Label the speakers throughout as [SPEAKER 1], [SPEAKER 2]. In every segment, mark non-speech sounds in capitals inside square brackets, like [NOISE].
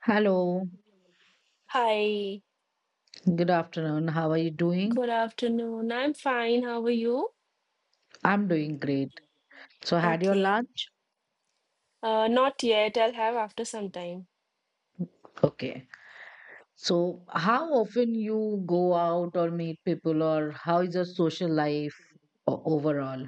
[SPEAKER 1] Hello,
[SPEAKER 2] Hi,
[SPEAKER 1] good afternoon. How are you doing?
[SPEAKER 2] good afternoon. I'm fine. How are you?
[SPEAKER 1] I'm doing great. So, had your
[SPEAKER 2] Okay.
[SPEAKER 1] lunch?
[SPEAKER 2] Not yet. I'll have after some time.
[SPEAKER 1] Okay. So, how often you go out or meet people, or how is your social life overall?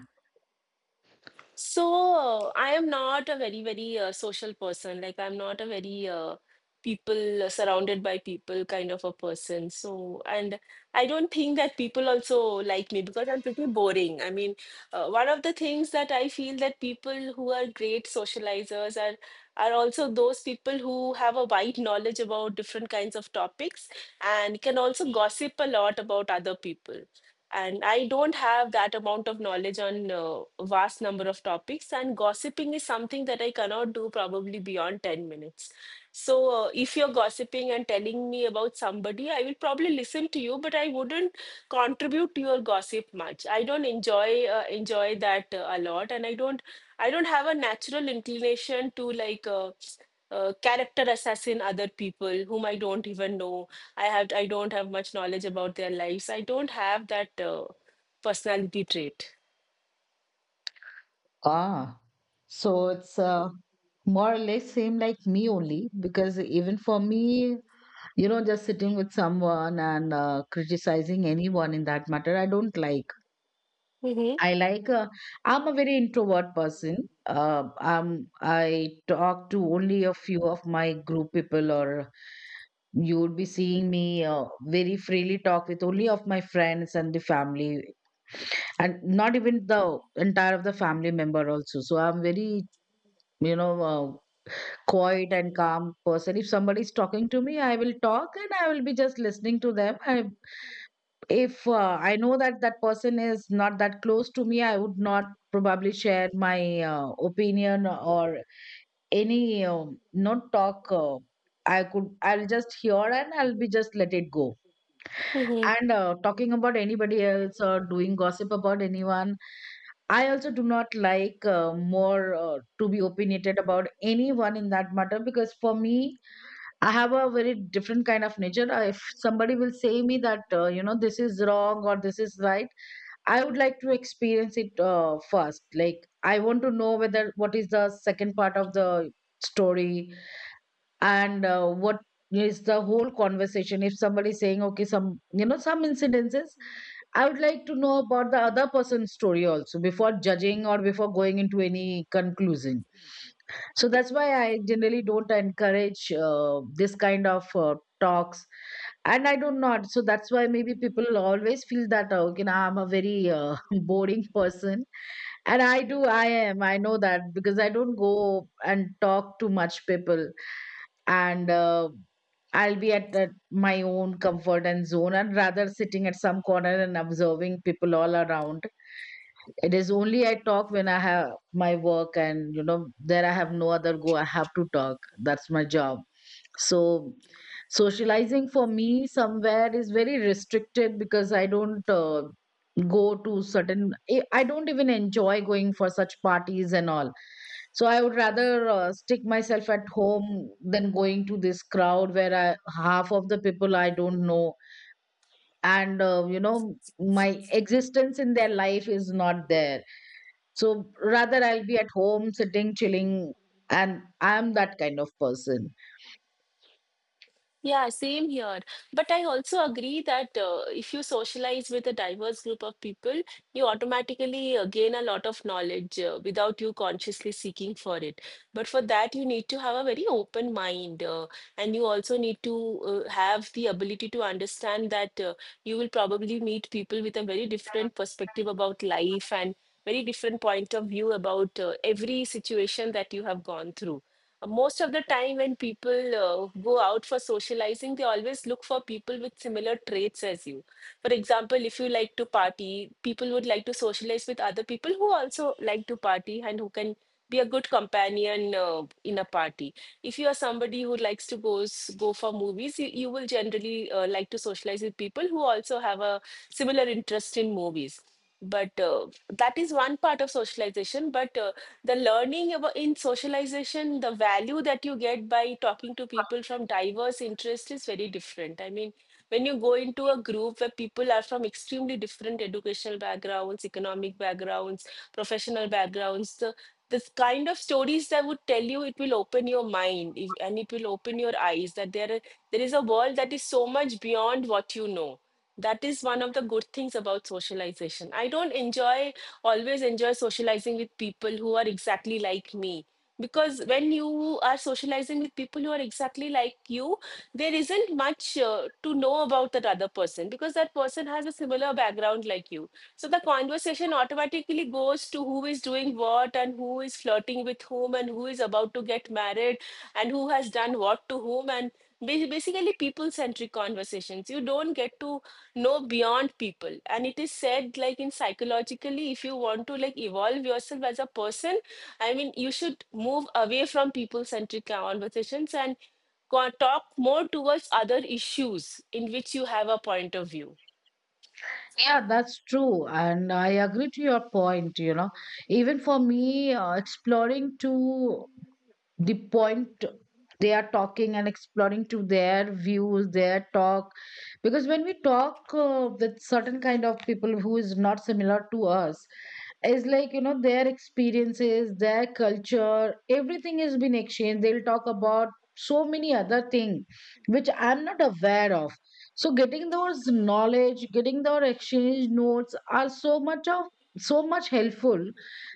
[SPEAKER 2] So I am not a very, very social person. Like I'm not a very people, surrounded by people kind of a person. So and I don't think that people also like me because I'm pretty boring. I mean, one of the things that I feel that people who are great socializers are also those people who have a wide knowledge about different kinds of topics and can also gossip a lot about other people, and I don't have that amount of knowledge on vast number of topics. And gossiping is something that I cannot do probably beyond 10 minutes. So if you're gossiping and telling me about somebody, I will probably listen to you, but I wouldn't contribute to your gossip much. I don't enjoy enjoy that a lot, and I don't I don't have a natural inclination to like character assassin other people whom I don't even know. I don't have much knowledge about their lives. I don't have that personality trait.
[SPEAKER 1] Ah, so it's more or less same like me only because even for me, you know, just sitting with someone and criticizing anyone in that matter, I don't like.
[SPEAKER 2] Mm-hmm.
[SPEAKER 1] I like, I'm a very introvert person. I talk to only a few of my group people, or you would be seeing me very freely talk with only of my friends and the family, and not even the entire of the family member also. So I'm very, you know, uh, quiet and calm person. If somebody is talking to me, I will talk and I will be just listening to them. If I know that that person is not that close to me, I would not probably share my opinion or any not talk. I could, I'll just hear and I'll be just let it go. And talking about anybody else or doing gossip about anyone, I also do not like more to be opinionated about anyone in that matter because for me, I have a very different kind of nature. If somebody will say me that, you know, this is wrong or this is right, I would like to experience it first. Like, I want to know whether what is the second part of the story, and what is the whole conversation if somebody is saying okay, some, you know, some incidences. I would like to know about the other person's story also before judging or before going into any conclusion. So that's why I generally don't encourage this kind of talks, and I do not. So that's why maybe people always feel that, okay, nah, I'm a very [LAUGHS] boring person, and I know that because I don't go and talk to much people. And I'll be at my own comfort and zone, and rather sitting at some corner and observing people all around. It is only I talk when I have my work, and, you know, there I have no other go, I have to talk. That's my job. So socializing for me somewhere is very restricted because I don't go to certain, I don't even enjoy going for such parties and all. So I would rather stick myself at home than going to this crowd where half of the people I don't know, and you know, my existence in their life is not there. So rather, I'll be at home sitting, chilling, and I'm that kind of person.
[SPEAKER 2] Yeah, same here. But I also agree that if you socialize with a diverse group of people, you automatically gain a lot of knowledge without you consciously seeking for it. But for that, you need to have a very open mind. And you also need to have the ability to understand that you will probably meet people with a very different perspective about life and very different point of view about every situation that you have gone through. Most of the time when people go out for socializing, they always look for people with similar traits as you. For example, if you like to party, people would like to socialize with other people who also like to party and who can be a good companion in a party. If you are somebody who likes to go for movies, you will generally like to socialize with people who also have a similar interest in movies. But that is one part of socialization. But the learning about in socialization, the value that you get by talking to people from diverse interests is very different. I mean, when you go into a group where people are from extremely different educational backgrounds, economic backgrounds, professional backgrounds, the this kind of stories that would tell you, it will open your mind and it will open your eyes that there is a world that is so much beyond what you know. That is one of the good things about socialization. I don't enjoy, always enjoy socializing with people who are exactly like me, because when you are socializing with people who are exactly like you, there isn't much to know about that other person because that person has a similar background like you. So the conversation automatically goes to who is doing what and who is flirting with whom and who is about to get married and who has done what to whom, and basically people centric conversations. You don't get to know beyond people. And it is said, like, in psychologically, if you want to like evolve yourself as a person, I mean, you should move away from people centric conversations and talk more towards other issues in which you have a point of view.
[SPEAKER 1] Yeah, that's true. And I agree to your point, you know. Even for me, exploring to the point they are talking and exploring to their views, their talk. Because when we talk with certain kind of people who is not similar to us, is like, you know, their experiences, their culture, everything has been exchanged. They'll talk about so many other things which I'm not aware of. So getting those knowledge, getting those exchange notes are so much of, so much helpful.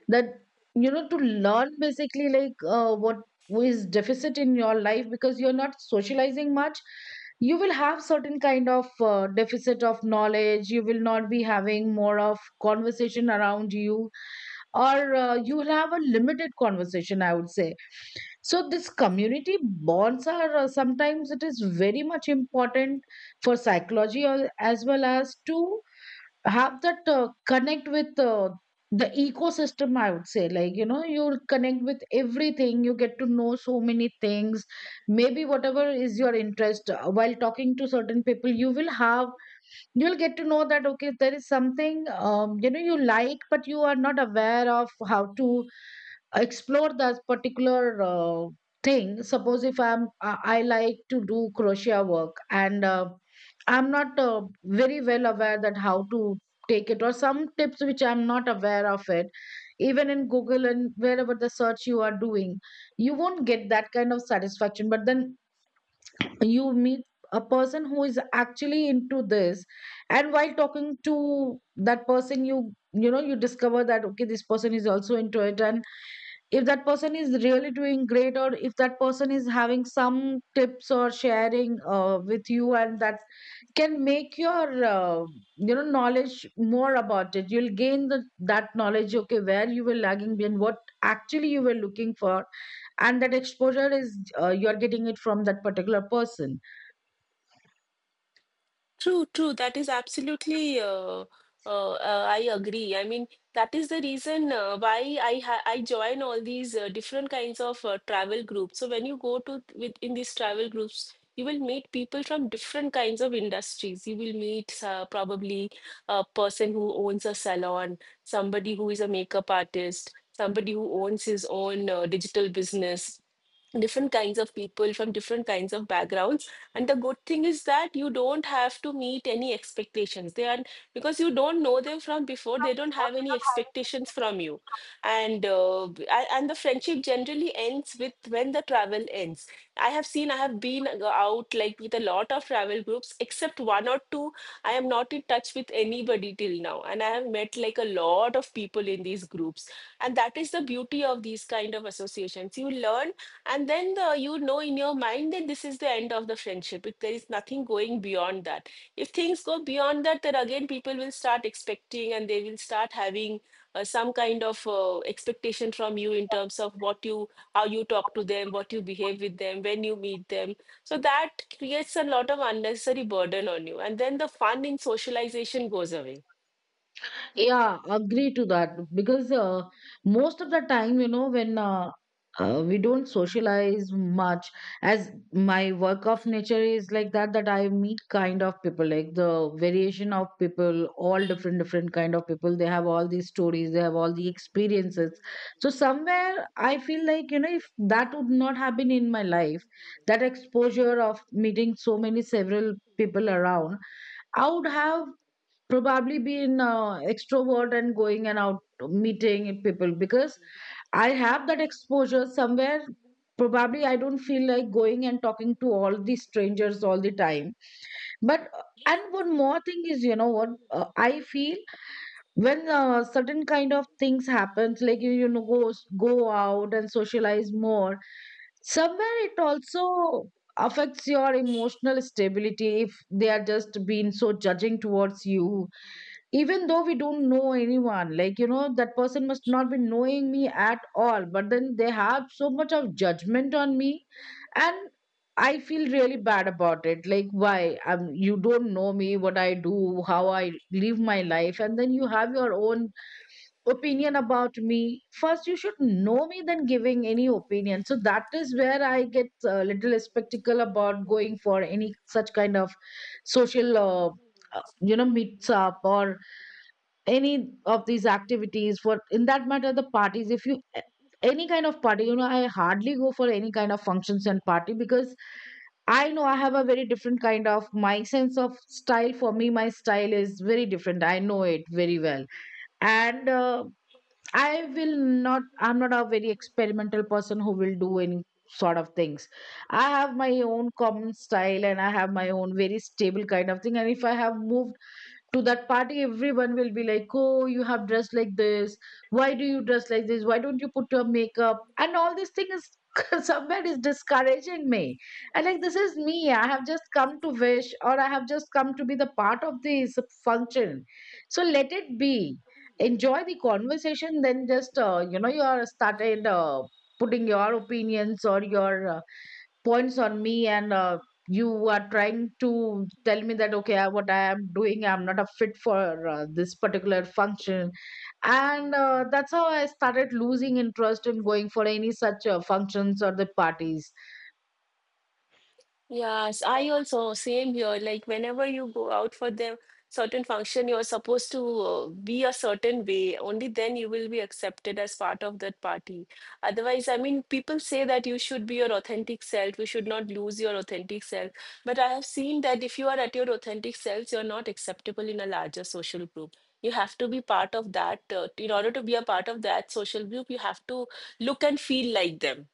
[SPEAKER 1] That, you know, to learn basically like, what is deficit in your life, because you're not socializing much, you will have certain kind of deficit of knowledge. You will not be having more of conversation around you, or you will have a limited conversation, I would say. So this community bonds are sometimes it is very much important for psychology, as well as to have that connect with the ecosystem, I would say, like, you know, you'll connect with everything, you get to know so many things. Maybe whatever is your interest, while talking to certain people, you will have, you'll get to know that okay, there is something, you know, you like but you are not aware of how to explore that particular thing. Suppose if I like to do crochet work, and I'm not very well aware that how to take it or some tips which I'm not aware of it, even in Google and wherever the search you are doing, you won't get that kind of satisfaction. But then you meet a person who is actually into this, and while talking to that person, you know, you discover that okay, this person is also into it, and if that person is really doing great or if that person is having some tips or sharing with you, and that can make your you know, knowledge more about it. You'll gain that knowledge, okay, where you were lagging behind, what actually you were looking for, and that exposure is, you're getting it from that particular person.
[SPEAKER 2] True, true. That is absolutely. I agree. I mean, that is the reason why I join all these different kinds of travel groups. So when you go to with in these travel groups, you will meet people from different kinds of industries. You will meet probably a person who owns a salon, somebody who is a makeup artist, somebody who owns his own digital business, different kinds of people from different kinds of backgrounds. And the good thing is that you don't have to meet any expectations they are, because you don't know them from before, they don't have any expectations from you. And and the friendship generally ends with when the travel ends. I have seen, I have been out like with a lot of travel groups except one or two. I am not in touch with anybody till now, and I have met like a lot of people in these groups. And that is the beauty of these kind of associations. You learn, and then the, you know in your mind that this is the end of the friendship. If there is nothing going beyond that. If things go beyond that, then again people will start expecting and they will start having some kind of expectation from you in terms of how you talk to them, what you behave with them, when you meet them. So that creates a lot of unnecessary burden on you. And then the fun in socialization goes away.
[SPEAKER 1] Yeah, agree to that because most of the time, you know, when we don't socialize much, as my work of nature is like that, that I meet kind of people, like the variation of people, all different, different kind of people. They have all these stories, they have all the experiences. So somewhere I feel like, you know, if that would not have been in my life, that exposure of meeting so many several people around, I would have probably been extrovert and going and out meeting people because I have that exposure somewhere. Probably I don't feel like going and talking to all the strangers all the time. But and one more thing is, you know what, I feel when certain kind of things happens, like you know, go go out and socialize more. Somewhere it also affects your emotional stability if they are just being so judging towards you, even though we don't know anyone, like, you know, that person must not be knowing me at all, but then they have so much of judgment on me. And I feel really bad about it, like, why, you don't know me, what I do, how I live my life, and then you have your own opinion about me. First you should know me, then giving any opinion. So that is where I get a little skeptical about going for any such kind of social, you know, meets up or any of these activities. For, in that matter, the parties, if you, any kind of party, you know, I hardly go for any kind of functions and party, because I know I have a very different kind of, my sense of style, for me my style is very different, I know it very well. And I will not, I'm not a very experimental person who will do any sort of things. I have my own common style and I have my own very stable kind of thing. And if I have moved to that party, everyone will be like, oh, you have dressed like this, why do you dress like this, why don't you put your makeup, and all this thing is [LAUGHS] somewhere is discouraging me. And like, this is me, I have just come to wish or I have just come to be the part of this function, so let it be, enjoy the conversation. Then just you know, you are started putting your opinions or your points on me. And you are trying to tell me that okay, what I am doing, I'm not a fit for this particular function. And that's how I started losing interest in going for any such functions or the parties.
[SPEAKER 2] Yes, I also same here. Like whenever you go out for the certain function, you're supposed to be a certain way. Only then you will be accepted as part of that party. Otherwise, I mean, people say that you should be your authentic self. You should not lose your authentic self. But I have seen that if you are at your authentic selves, you're not acceptable in a larger social group. You have to be part of that. In order to be a part of that social group, you have to look and feel like them.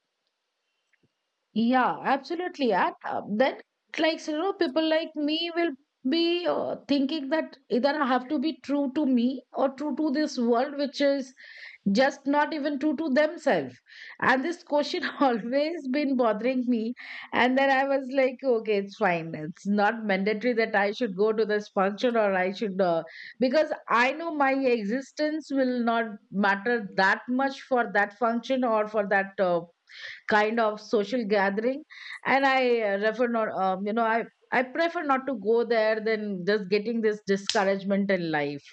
[SPEAKER 1] Yeah, absolutely. And then, like, you know, people like me will be thinking that either I have to be true to me or true to this world, which is just not even true to themselves. And this question [LAUGHS] always been bothering me. And then I was like, okay, it's fine, it's not mandatory that I should go to this function or I should, because I know my existence will not matter that much for that function or for that kind of social gathering. And I refer not, you know, I prefer not to go there than just getting this discouragement in life.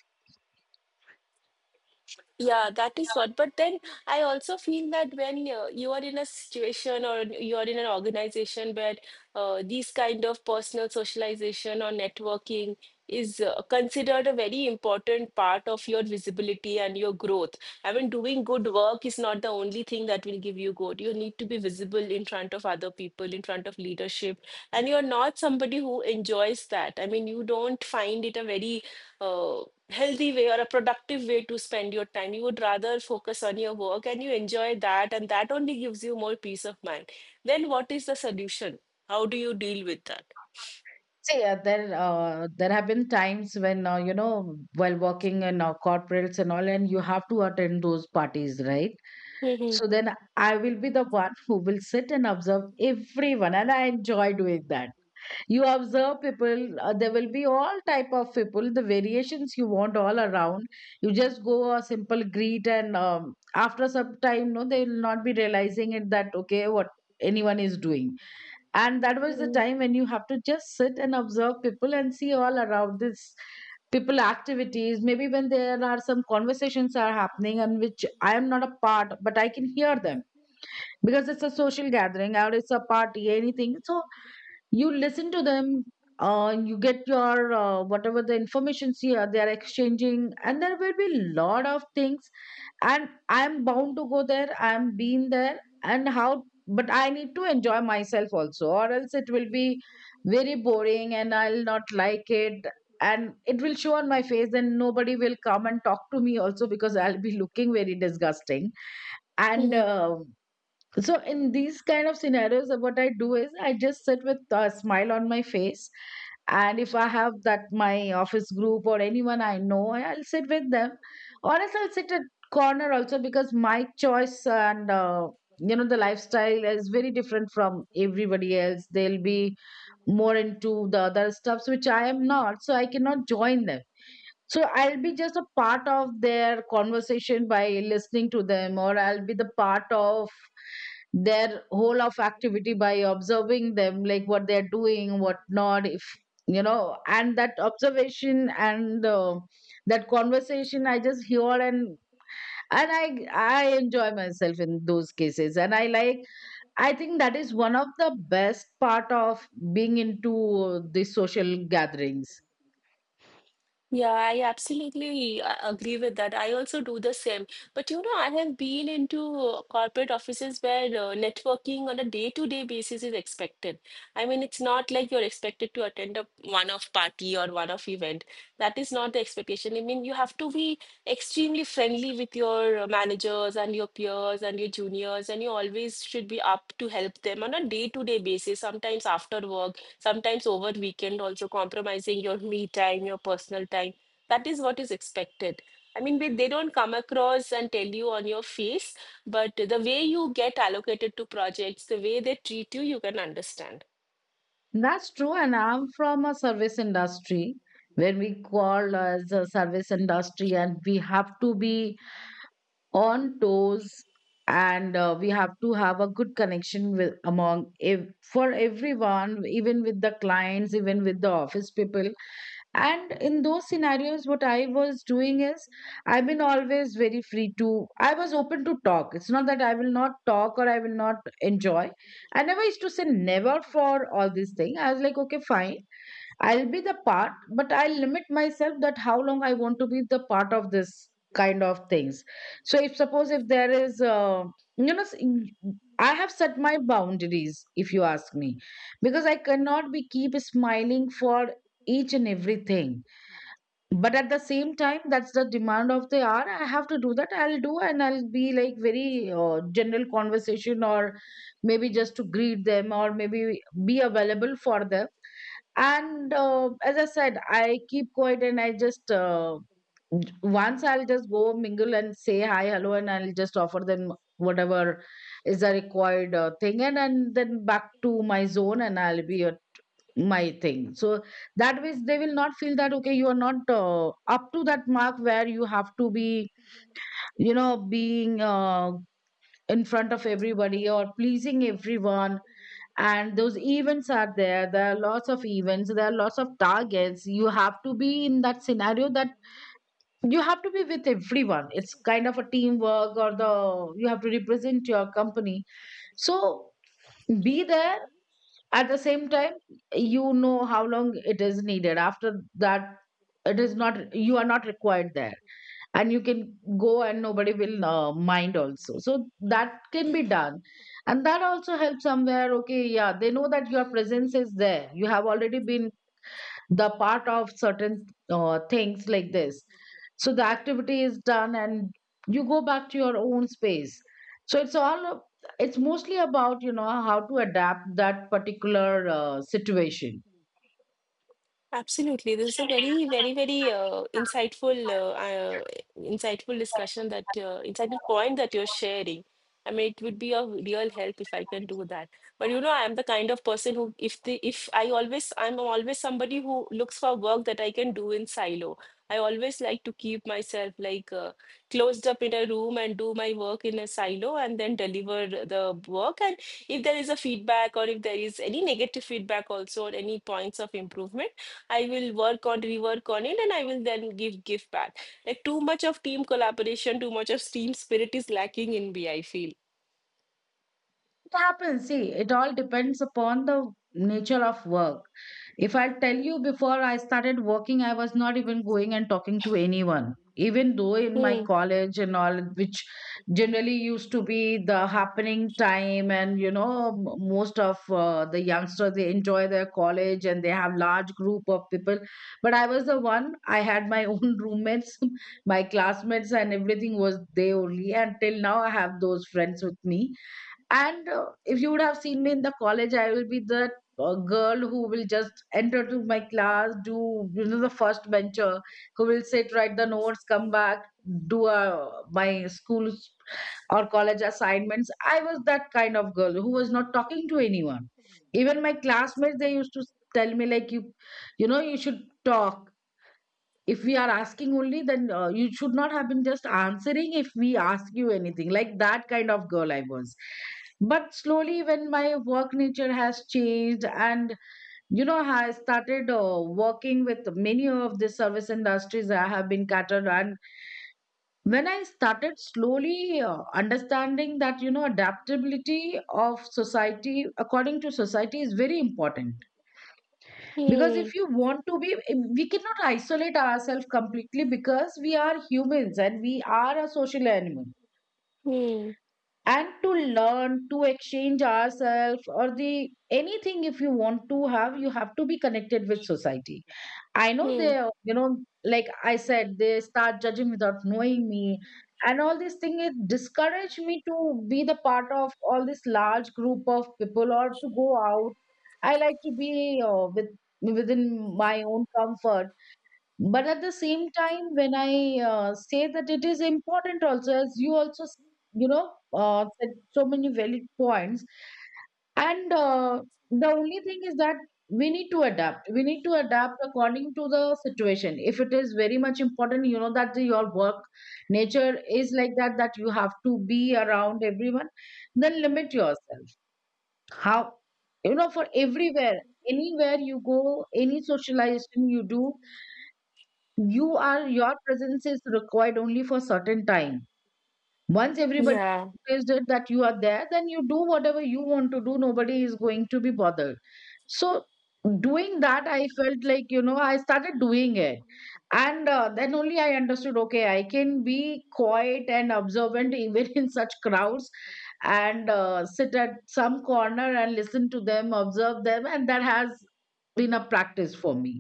[SPEAKER 2] Yeah, that is what. But then I also feel that when you are in a situation or you are in an organization where these kind of personal socialization or networking is considered a very important part of your visibility and your growth. I mean, doing good work is not the only thing that will give you good. You need to be visible in front of other people, in front of leadership, and you're not somebody who enjoys that. I mean, you don't find it a very uh, healthy way or a productive way to spend your time. You would rather focus on your work and you enjoy that, and that only gives you more peace of mind. Then, what is the solution? How do you deal with that?
[SPEAKER 1] See, there have been times when, you know, while working in corporates and all, and you have to attend those parties, right? So then I will be the one who will sit and observe everyone, and I enjoy doing that. You observe people. There will be all type of people, the variations you want all around. You just go a simple greet, and after some time, no, they will not be realizing it that okay, what anyone is doing. And that was the
[SPEAKER 2] Mm-hmm.
[SPEAKER 1] time when you have to just sit and observe people and see all around this people activities, maybe when there are some conversations are happening and which I am not a part but I can hear them, because it's a social gathering or it's a party anything. So you listen to them. You get your whatever the information, see they are exchanging, and there will be lot of things. And I'm bound to go there, I'm been there and how, but I need to enjoy myself also, or else it will be very boring and I'll not like it. And it will show on my face and nobody will come and talk to me also, because I'll be looking very disgusting. And so in these kind of scenarios, what I do is I just sit with a smile on my face. And if I have that my office group or anyone I know, I'll sit with them. Or else I'll sit at corner also, because my choice. And you know, the lifestyle is very different from everybody else. They'll be more into the other stuffs which I am not, so I cannot join them. So I'll be just a part of their conversation by listening to them, or I'll be the part of their whole of activity by observing them, like what they're doing, what not, if you know, and that observation and that conversation, I just hear and I enjoy myself in those cases, and I think that is one of the best part of being into the social gatherings.
[SPEAKER 2] Yeah, I absolutely agree with that. I also do the same. But you know, I have been into corporate offices where networking on a day-to-day basis is expected. I mean, it's not like you're expected to attend a one-off party or one-off event. That is not the expectation. I mean, you have to be extremely friendly with your managers and your peers and your juniors, and you always should be up to help them on a day-to-day basis, sometimes after work, sometimes over weekend also, compromising your me time, your personal time. That is what is expected. I mean, they don't come across and tell you on your face, but the way you get allocated to projects, the way they treat you, you can understand.
[SPEAKER 1] That's true, and I'm from a service industry, where we call as a service industry, and we have to be on toes, and we have to have a good connection with among if, for everyone, even with the clients, even with the office people. And in those scenarios, what I was doing is, I've been always very free to, I was open to talk. It's not that I will not talk or I will not enjoy. I never used to say never for all this thing. I was like, okay, fine. I'll be the part, but I'll limit myself that how long I want to be the part of this kind of things. So if suppose if there is, you know, I have set my boundaries. If you ask me, because I cannot be keep smiling for each and everything. But at the same time, that's the demand of the hour. I have to do that. I'll do, and I'll be like very general conversation, or maybe just to greet them, or maybe be available for them. And as I said, I keep quiet and I just once I'll just go mingle and say hi hello, and I'll just offer them whatever is a required thing. And then back to my zone, and I'll be at my thing. So that way they will not feel that okay, you are not up to that mark where you have to be, you know, being in front of everybody or pleasing everyone. And those events are there, there are lots of events, there are lots of targets, you have to be in that scenario that you have to be with everyone. It's kind of a teamwork, or the you have to represent your company. So be there. At the same time, you know how long it is needed. After that, it is not you are not required there, and you can go and nobody will mind also, so that can be done. And that also helps somewhere, okay, yeah, they know that your presence is there, you have already been the part of certain things like this. So the activity is done, and you go back to your own space. So it's all it's mostly about, you know, how to adapt that particular situation.
[SPEAKER 2] Absolutely. This is a very, very, very insightful, uh, insightful discussion that insightful point that you're sharing. I mean, it would be a real help if I can do that. But you know, I am the kind of person who, if the, if I always, I'm always somebody who looks for work that I can do in silo. I always like to keep myself like closed up in a room and do my work in a silo and then deliver the work. And if there is a feedback or if there is any negative feedback also or any points of improvement. I will work on Rework on it, and I will then give back. Like too much of team collaboration, too much of team spirit is lacking in me, I feel.
[SPEAKER 1] It happens. See, it all depends upon the nature of work. If I tell you, before I started working, I was not even going and talking to anyone. Even though in my
[SPEAKER 2] Hmm.
[SPEAKER 1] college and all, which generally used to be the happening time, and you know, most of the youngsters, they enjoy their college and they have large group of people. But I was the one. I had my [LAUGHS] own roommates, my classmates, and everything was they only. And till now, I have those friends with me. And if you would have seen me in the college, I will be the girl who will just enter to my class, do you know, the first bencher, who will sit, write the notes, come back, do my school or college assignments. I was that kind of girl who was not talking to anyone. Even my classmates, they used to tell me like you know, you should talk. If we are asking only, then you should not have been just answering, if we ask you anything, like that kind of girl I was. But slowly when my work nature has changed, and you know, I started working with many of the service industries I have been catered. And when I started slowly understanding that, you know, adaptability of society, according to society, is very important. Because
[SPEAKER 2] Hmm.
[SPEAKER 1] if you want to be, we cannot isolate ourselves completely, because we are humans and we are a social animal.
[SPEAKER 2] Hmm.
[SPEAKER 1] And to learn, to exchange ourselves, or the anything if you want to have, you have to be connected with society. I know
[SPEAKER 2] Hmm.
[SPEAKER 1] they, you know, like I said, they start judging without knowing me. And all these things, it discourage me to be the part of all this large group of people or to go out. I like to be with within my own comfort, but at the same time when I say that it is important also, as you also you know said so many valid points. And the only thing is that, we need to adapt, we need to adapt according to the situation. If it is very much important, you know, that your work nature is like that, that you have to be around everyone, then limit yourself how, you know, for everywhere, anywhere you go, any socialization you do, you are your presence is required only for certain time. Once everybody
[SPEAKER 2] Yeah.
[SPEAKER 1] is it that you are there, then you do whatever you want to do, nobody is going to be bothered. So doing that, I felt like, you know, I started doing it. And then only I understood, okay, I can be quiet and observant even [LAUGHS] in such crowds. And sit at some corner and listen to them, observe them, and that has been a practice for me.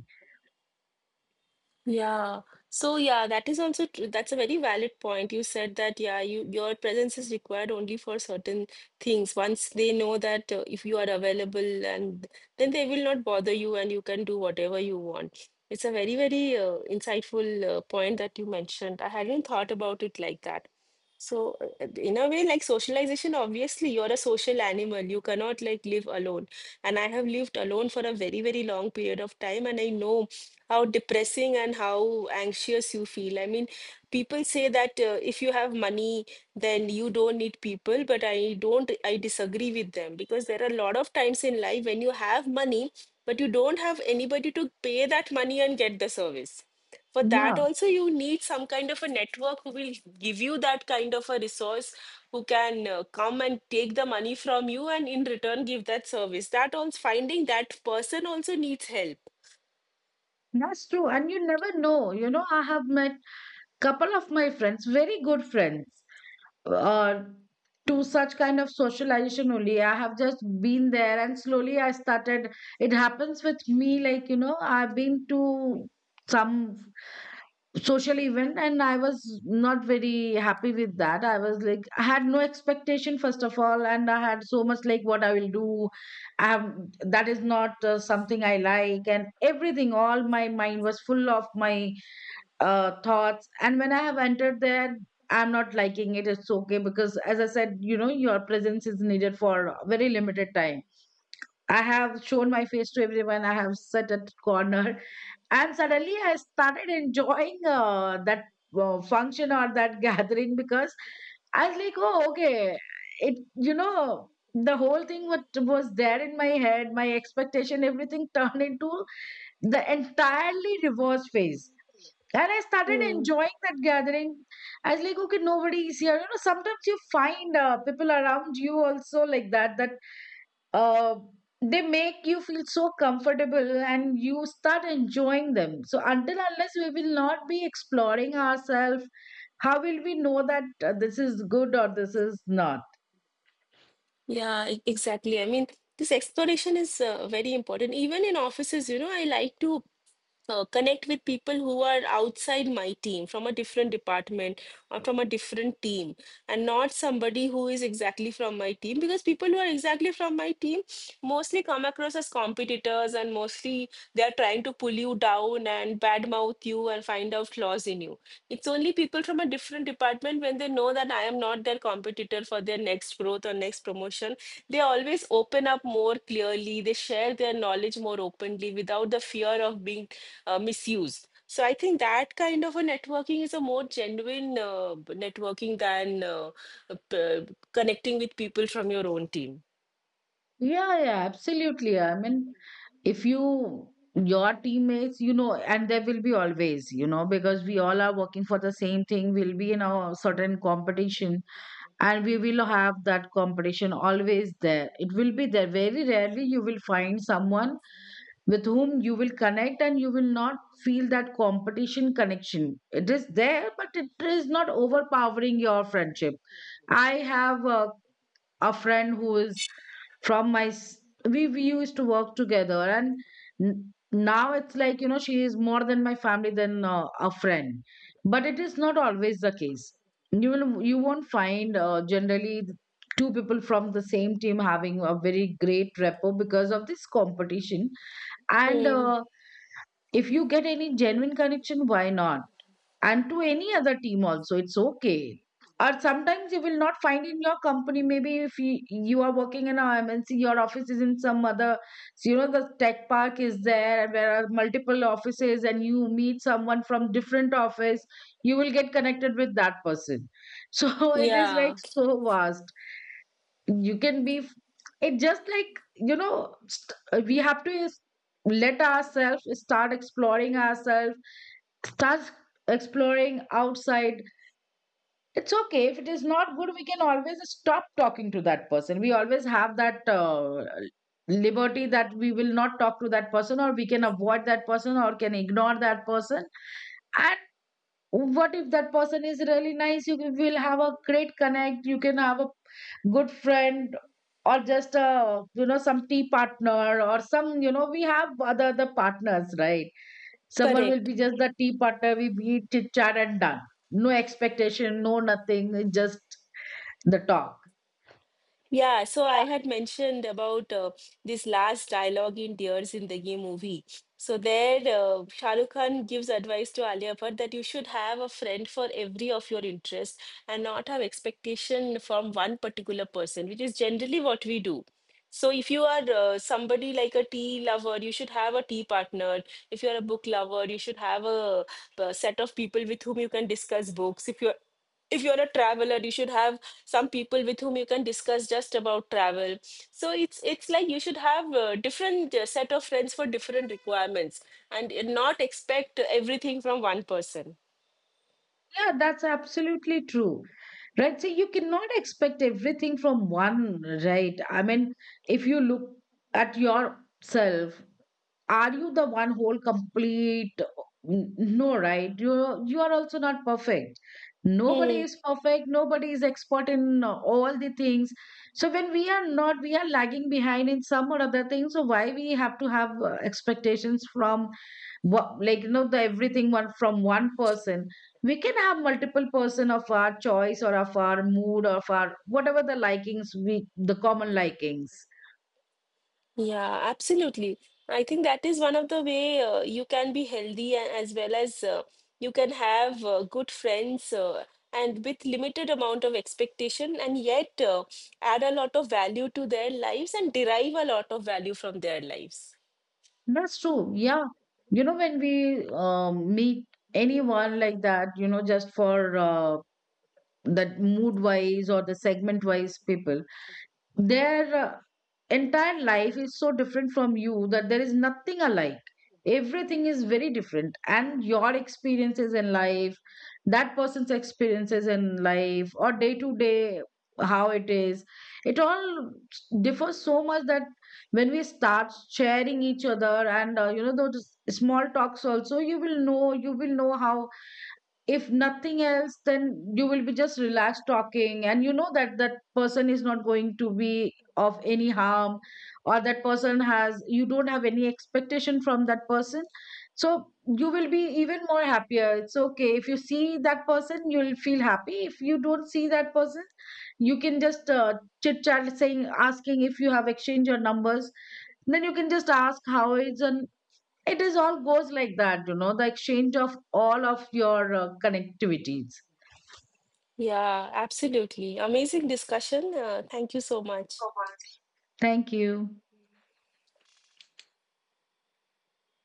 [SPEAKER 2] Yeah. So yeah, that is also true. That's a very valid point. You said that, yeah, you your presence is required only for certain things. Once they know that if you are available, and then they will not bother you and you can do whatever you want. It's a very, very insightful point that you mentioned. I hadn't thought about it like that. So, in a way, like socialization, obviously, you're a social animal. You cannot like live alone. And I have lived alone for a very, very long period of time, and I know how depressing and how anxious you feel. I mean, people say that if you have money, then you don't need people, but I don't, I disagree with them because there are a lot of times in life when you have money, but you don't have anybody to pay that money and get the service. For
[SPEAKER 1] Yeah.
[SPEAKER 2] that also you need some kind of a network who will give you that kind of a resource, who can come and take the money from you and in return give that service. That also finding that person also needs
[SPEAKER 1] That's true. And you never know. You know, I have met couple of my friends, very good friends, uh, to such kind of socialization only. I have just been there and slowly I started. It happens with me, like, you know, I've been to some social event, and I was not very happy with that. I was like, I had no expectation first of all, and I had so much like what I will do, I have that is not something I like, and everything, all my mind was full of my thoughts. And when I have entered there, I'm not liking it, it's okay, because as I said, you know, your presence is needed for a very limited time. I have shown my face to everyone, I have sat at corner, and suddenly I started enjoying that function or that [LAUGHS] gathering, because I was like, oh, okay, it, you know, the whole thing what was there in my head, my expectation, everything [LAUGHS] turned into the entirely reverse phase, and I started
[SPEAKER 2] help.
[SPEAKER 1] enjoying that gathering. I was like, okay, nobody is here. You know, sometimes you find people around you also like that. That uh, they make you feel so comfortable, and you start enjoying them. So until unless we will not be exploring ourselves, how will we know that this is good or this is not.
[SPEAKER 2] Yeah, exactly. I mean, this exploration is very important. Even in offices, you know, I like to connect with people who are outside my team, from a different department or from a different team, and not somebody who is exactly from my team, because people who are exactly from my team mostly come across as competitors, and mostly they are trying to pull you down and badmouth you and find out flaws in you. It's only people from a different department, when they know that I am not their competitor for their next growth or next promotion, they always open up more clearly. They share their knowledge more openly without the fear of being misused. So I think that kind of a networking is a more genuine networking than connecting with people from your own team.
[SPEAKER 1] Yeah, yeah, absolutely, I mean, if you your teammates, you know, and there will be always, you know, because we all are working for the same thing, we'll be in a certain competition. And we will have that competition always there, it will be there. Very rarely you will find someone with whom you will connect and you will not feel that competition connection. It is there, but it is not overpowering your friendship. I have a friend who is from we used to work together, and now it's like, you know, she is more than my family than a friend. But it is not always the case. You won't find generally two people from the same team having a very great rapport because of this competition and
[SPEAKER 2] Hmm.
[SPEAKER 1] uh, if you get any genuine connection, why not? And to any other team also, it's okay. Or sometimes you will not find in your company. Maybe if you, you are working in a MNC, your office is in some other, so, you know, the tech park is there, and there are multiple offices, and you meet someone from different office, you will get connected with that person. [LAUGHS] So it is like
[SPEAKER 2] Yeah,
[SPEAKER 1] so vast, you can be f- it just like you know st- we have to is- let ourselves start exploring ourselves, start exploring outside. It's okay, if it is not good we can always stop talking to that person. We always have that liberty that we will not talk to that person, or we can avoid that person or can ignore that person. What if that person is really nice? You will have a great connect, you can have a good friend, or just a, you know, some tea partner, or some, you know, we have other partners, right? Someone will
[SPEAKER 2] correct.
[SPEAKER 1] be just the tea partner, we meet, chit chat, and done. No expectation, no nothing. It's just the talk.
[SPEAKER 2] Yeah, so I had mentioned about this last dialogue in Tears in the Ye movie. So there, Shah Rukh Khan gives advice to Alia Bhatt that you should have a friend for every of your interests and not have expectation from one particular person, which is generally what we do. So if you are somebody like a tea lover, you should have a tea partner. If you're a book lover, you should have a, uh, set of people with whom you can discuss books. If you're a traveler, you should have some people with whom you can discuss just about travel. So it's like you should have a different set of friends for different requirements, and not expect everything from one person.
[SPEAKER 1] Yeah, that's absolutely true, right? So you cannot expect everything from one. Right, I mean, if you look at yourself, are you the one whole complete? No, right? You are also not perfect. Nobody is perfect, nobody is expert in all the things. So when we are not, we are lagging behind in some or other things, so why we have to have expectations from, what, like, you know, the everything, one from one person? We can have multiple person of our choice, or of our mood, or of our whatever, the likings, we the common likings.
[SPEAKER 2] Yeah, absolutely. I think that is one of the way you can be healthy and as well as you can have good friends, and with limited amount of expectation and yet add a lot of value to their lives and derive a lot of value from their lives.
[SPEAKER 1] That's true. Yeah. You know, when we meet anyone like that, you know, just for that mood wise or the segment wise people, their entire life is so different from you that there is nothing alike, everything is very different, and your experiences in life, that person's experiences in life, or day to day, how it is, it all differs so much that when we start sharing each other, and you know, those small talks also, you will know, you will know how, if nothing else, then you will be just relaxed talking, and you know that that person is not going to be of any harm, or that person has, you don't have any expectation from that person, so you will be even more happier. It's okay, if you see that person you'll feel happy, if you don't see that person you can just chit chat, saying, asking, if you have exchanged your numbers, then you can just ask how is an, it is all goes like that, you know, the exchange of all of your connectivities.
[SPEAKER 2] Yeah, absolutely. Amazing discussion. Thank you so much.
[SPEAKER 1] Thank you.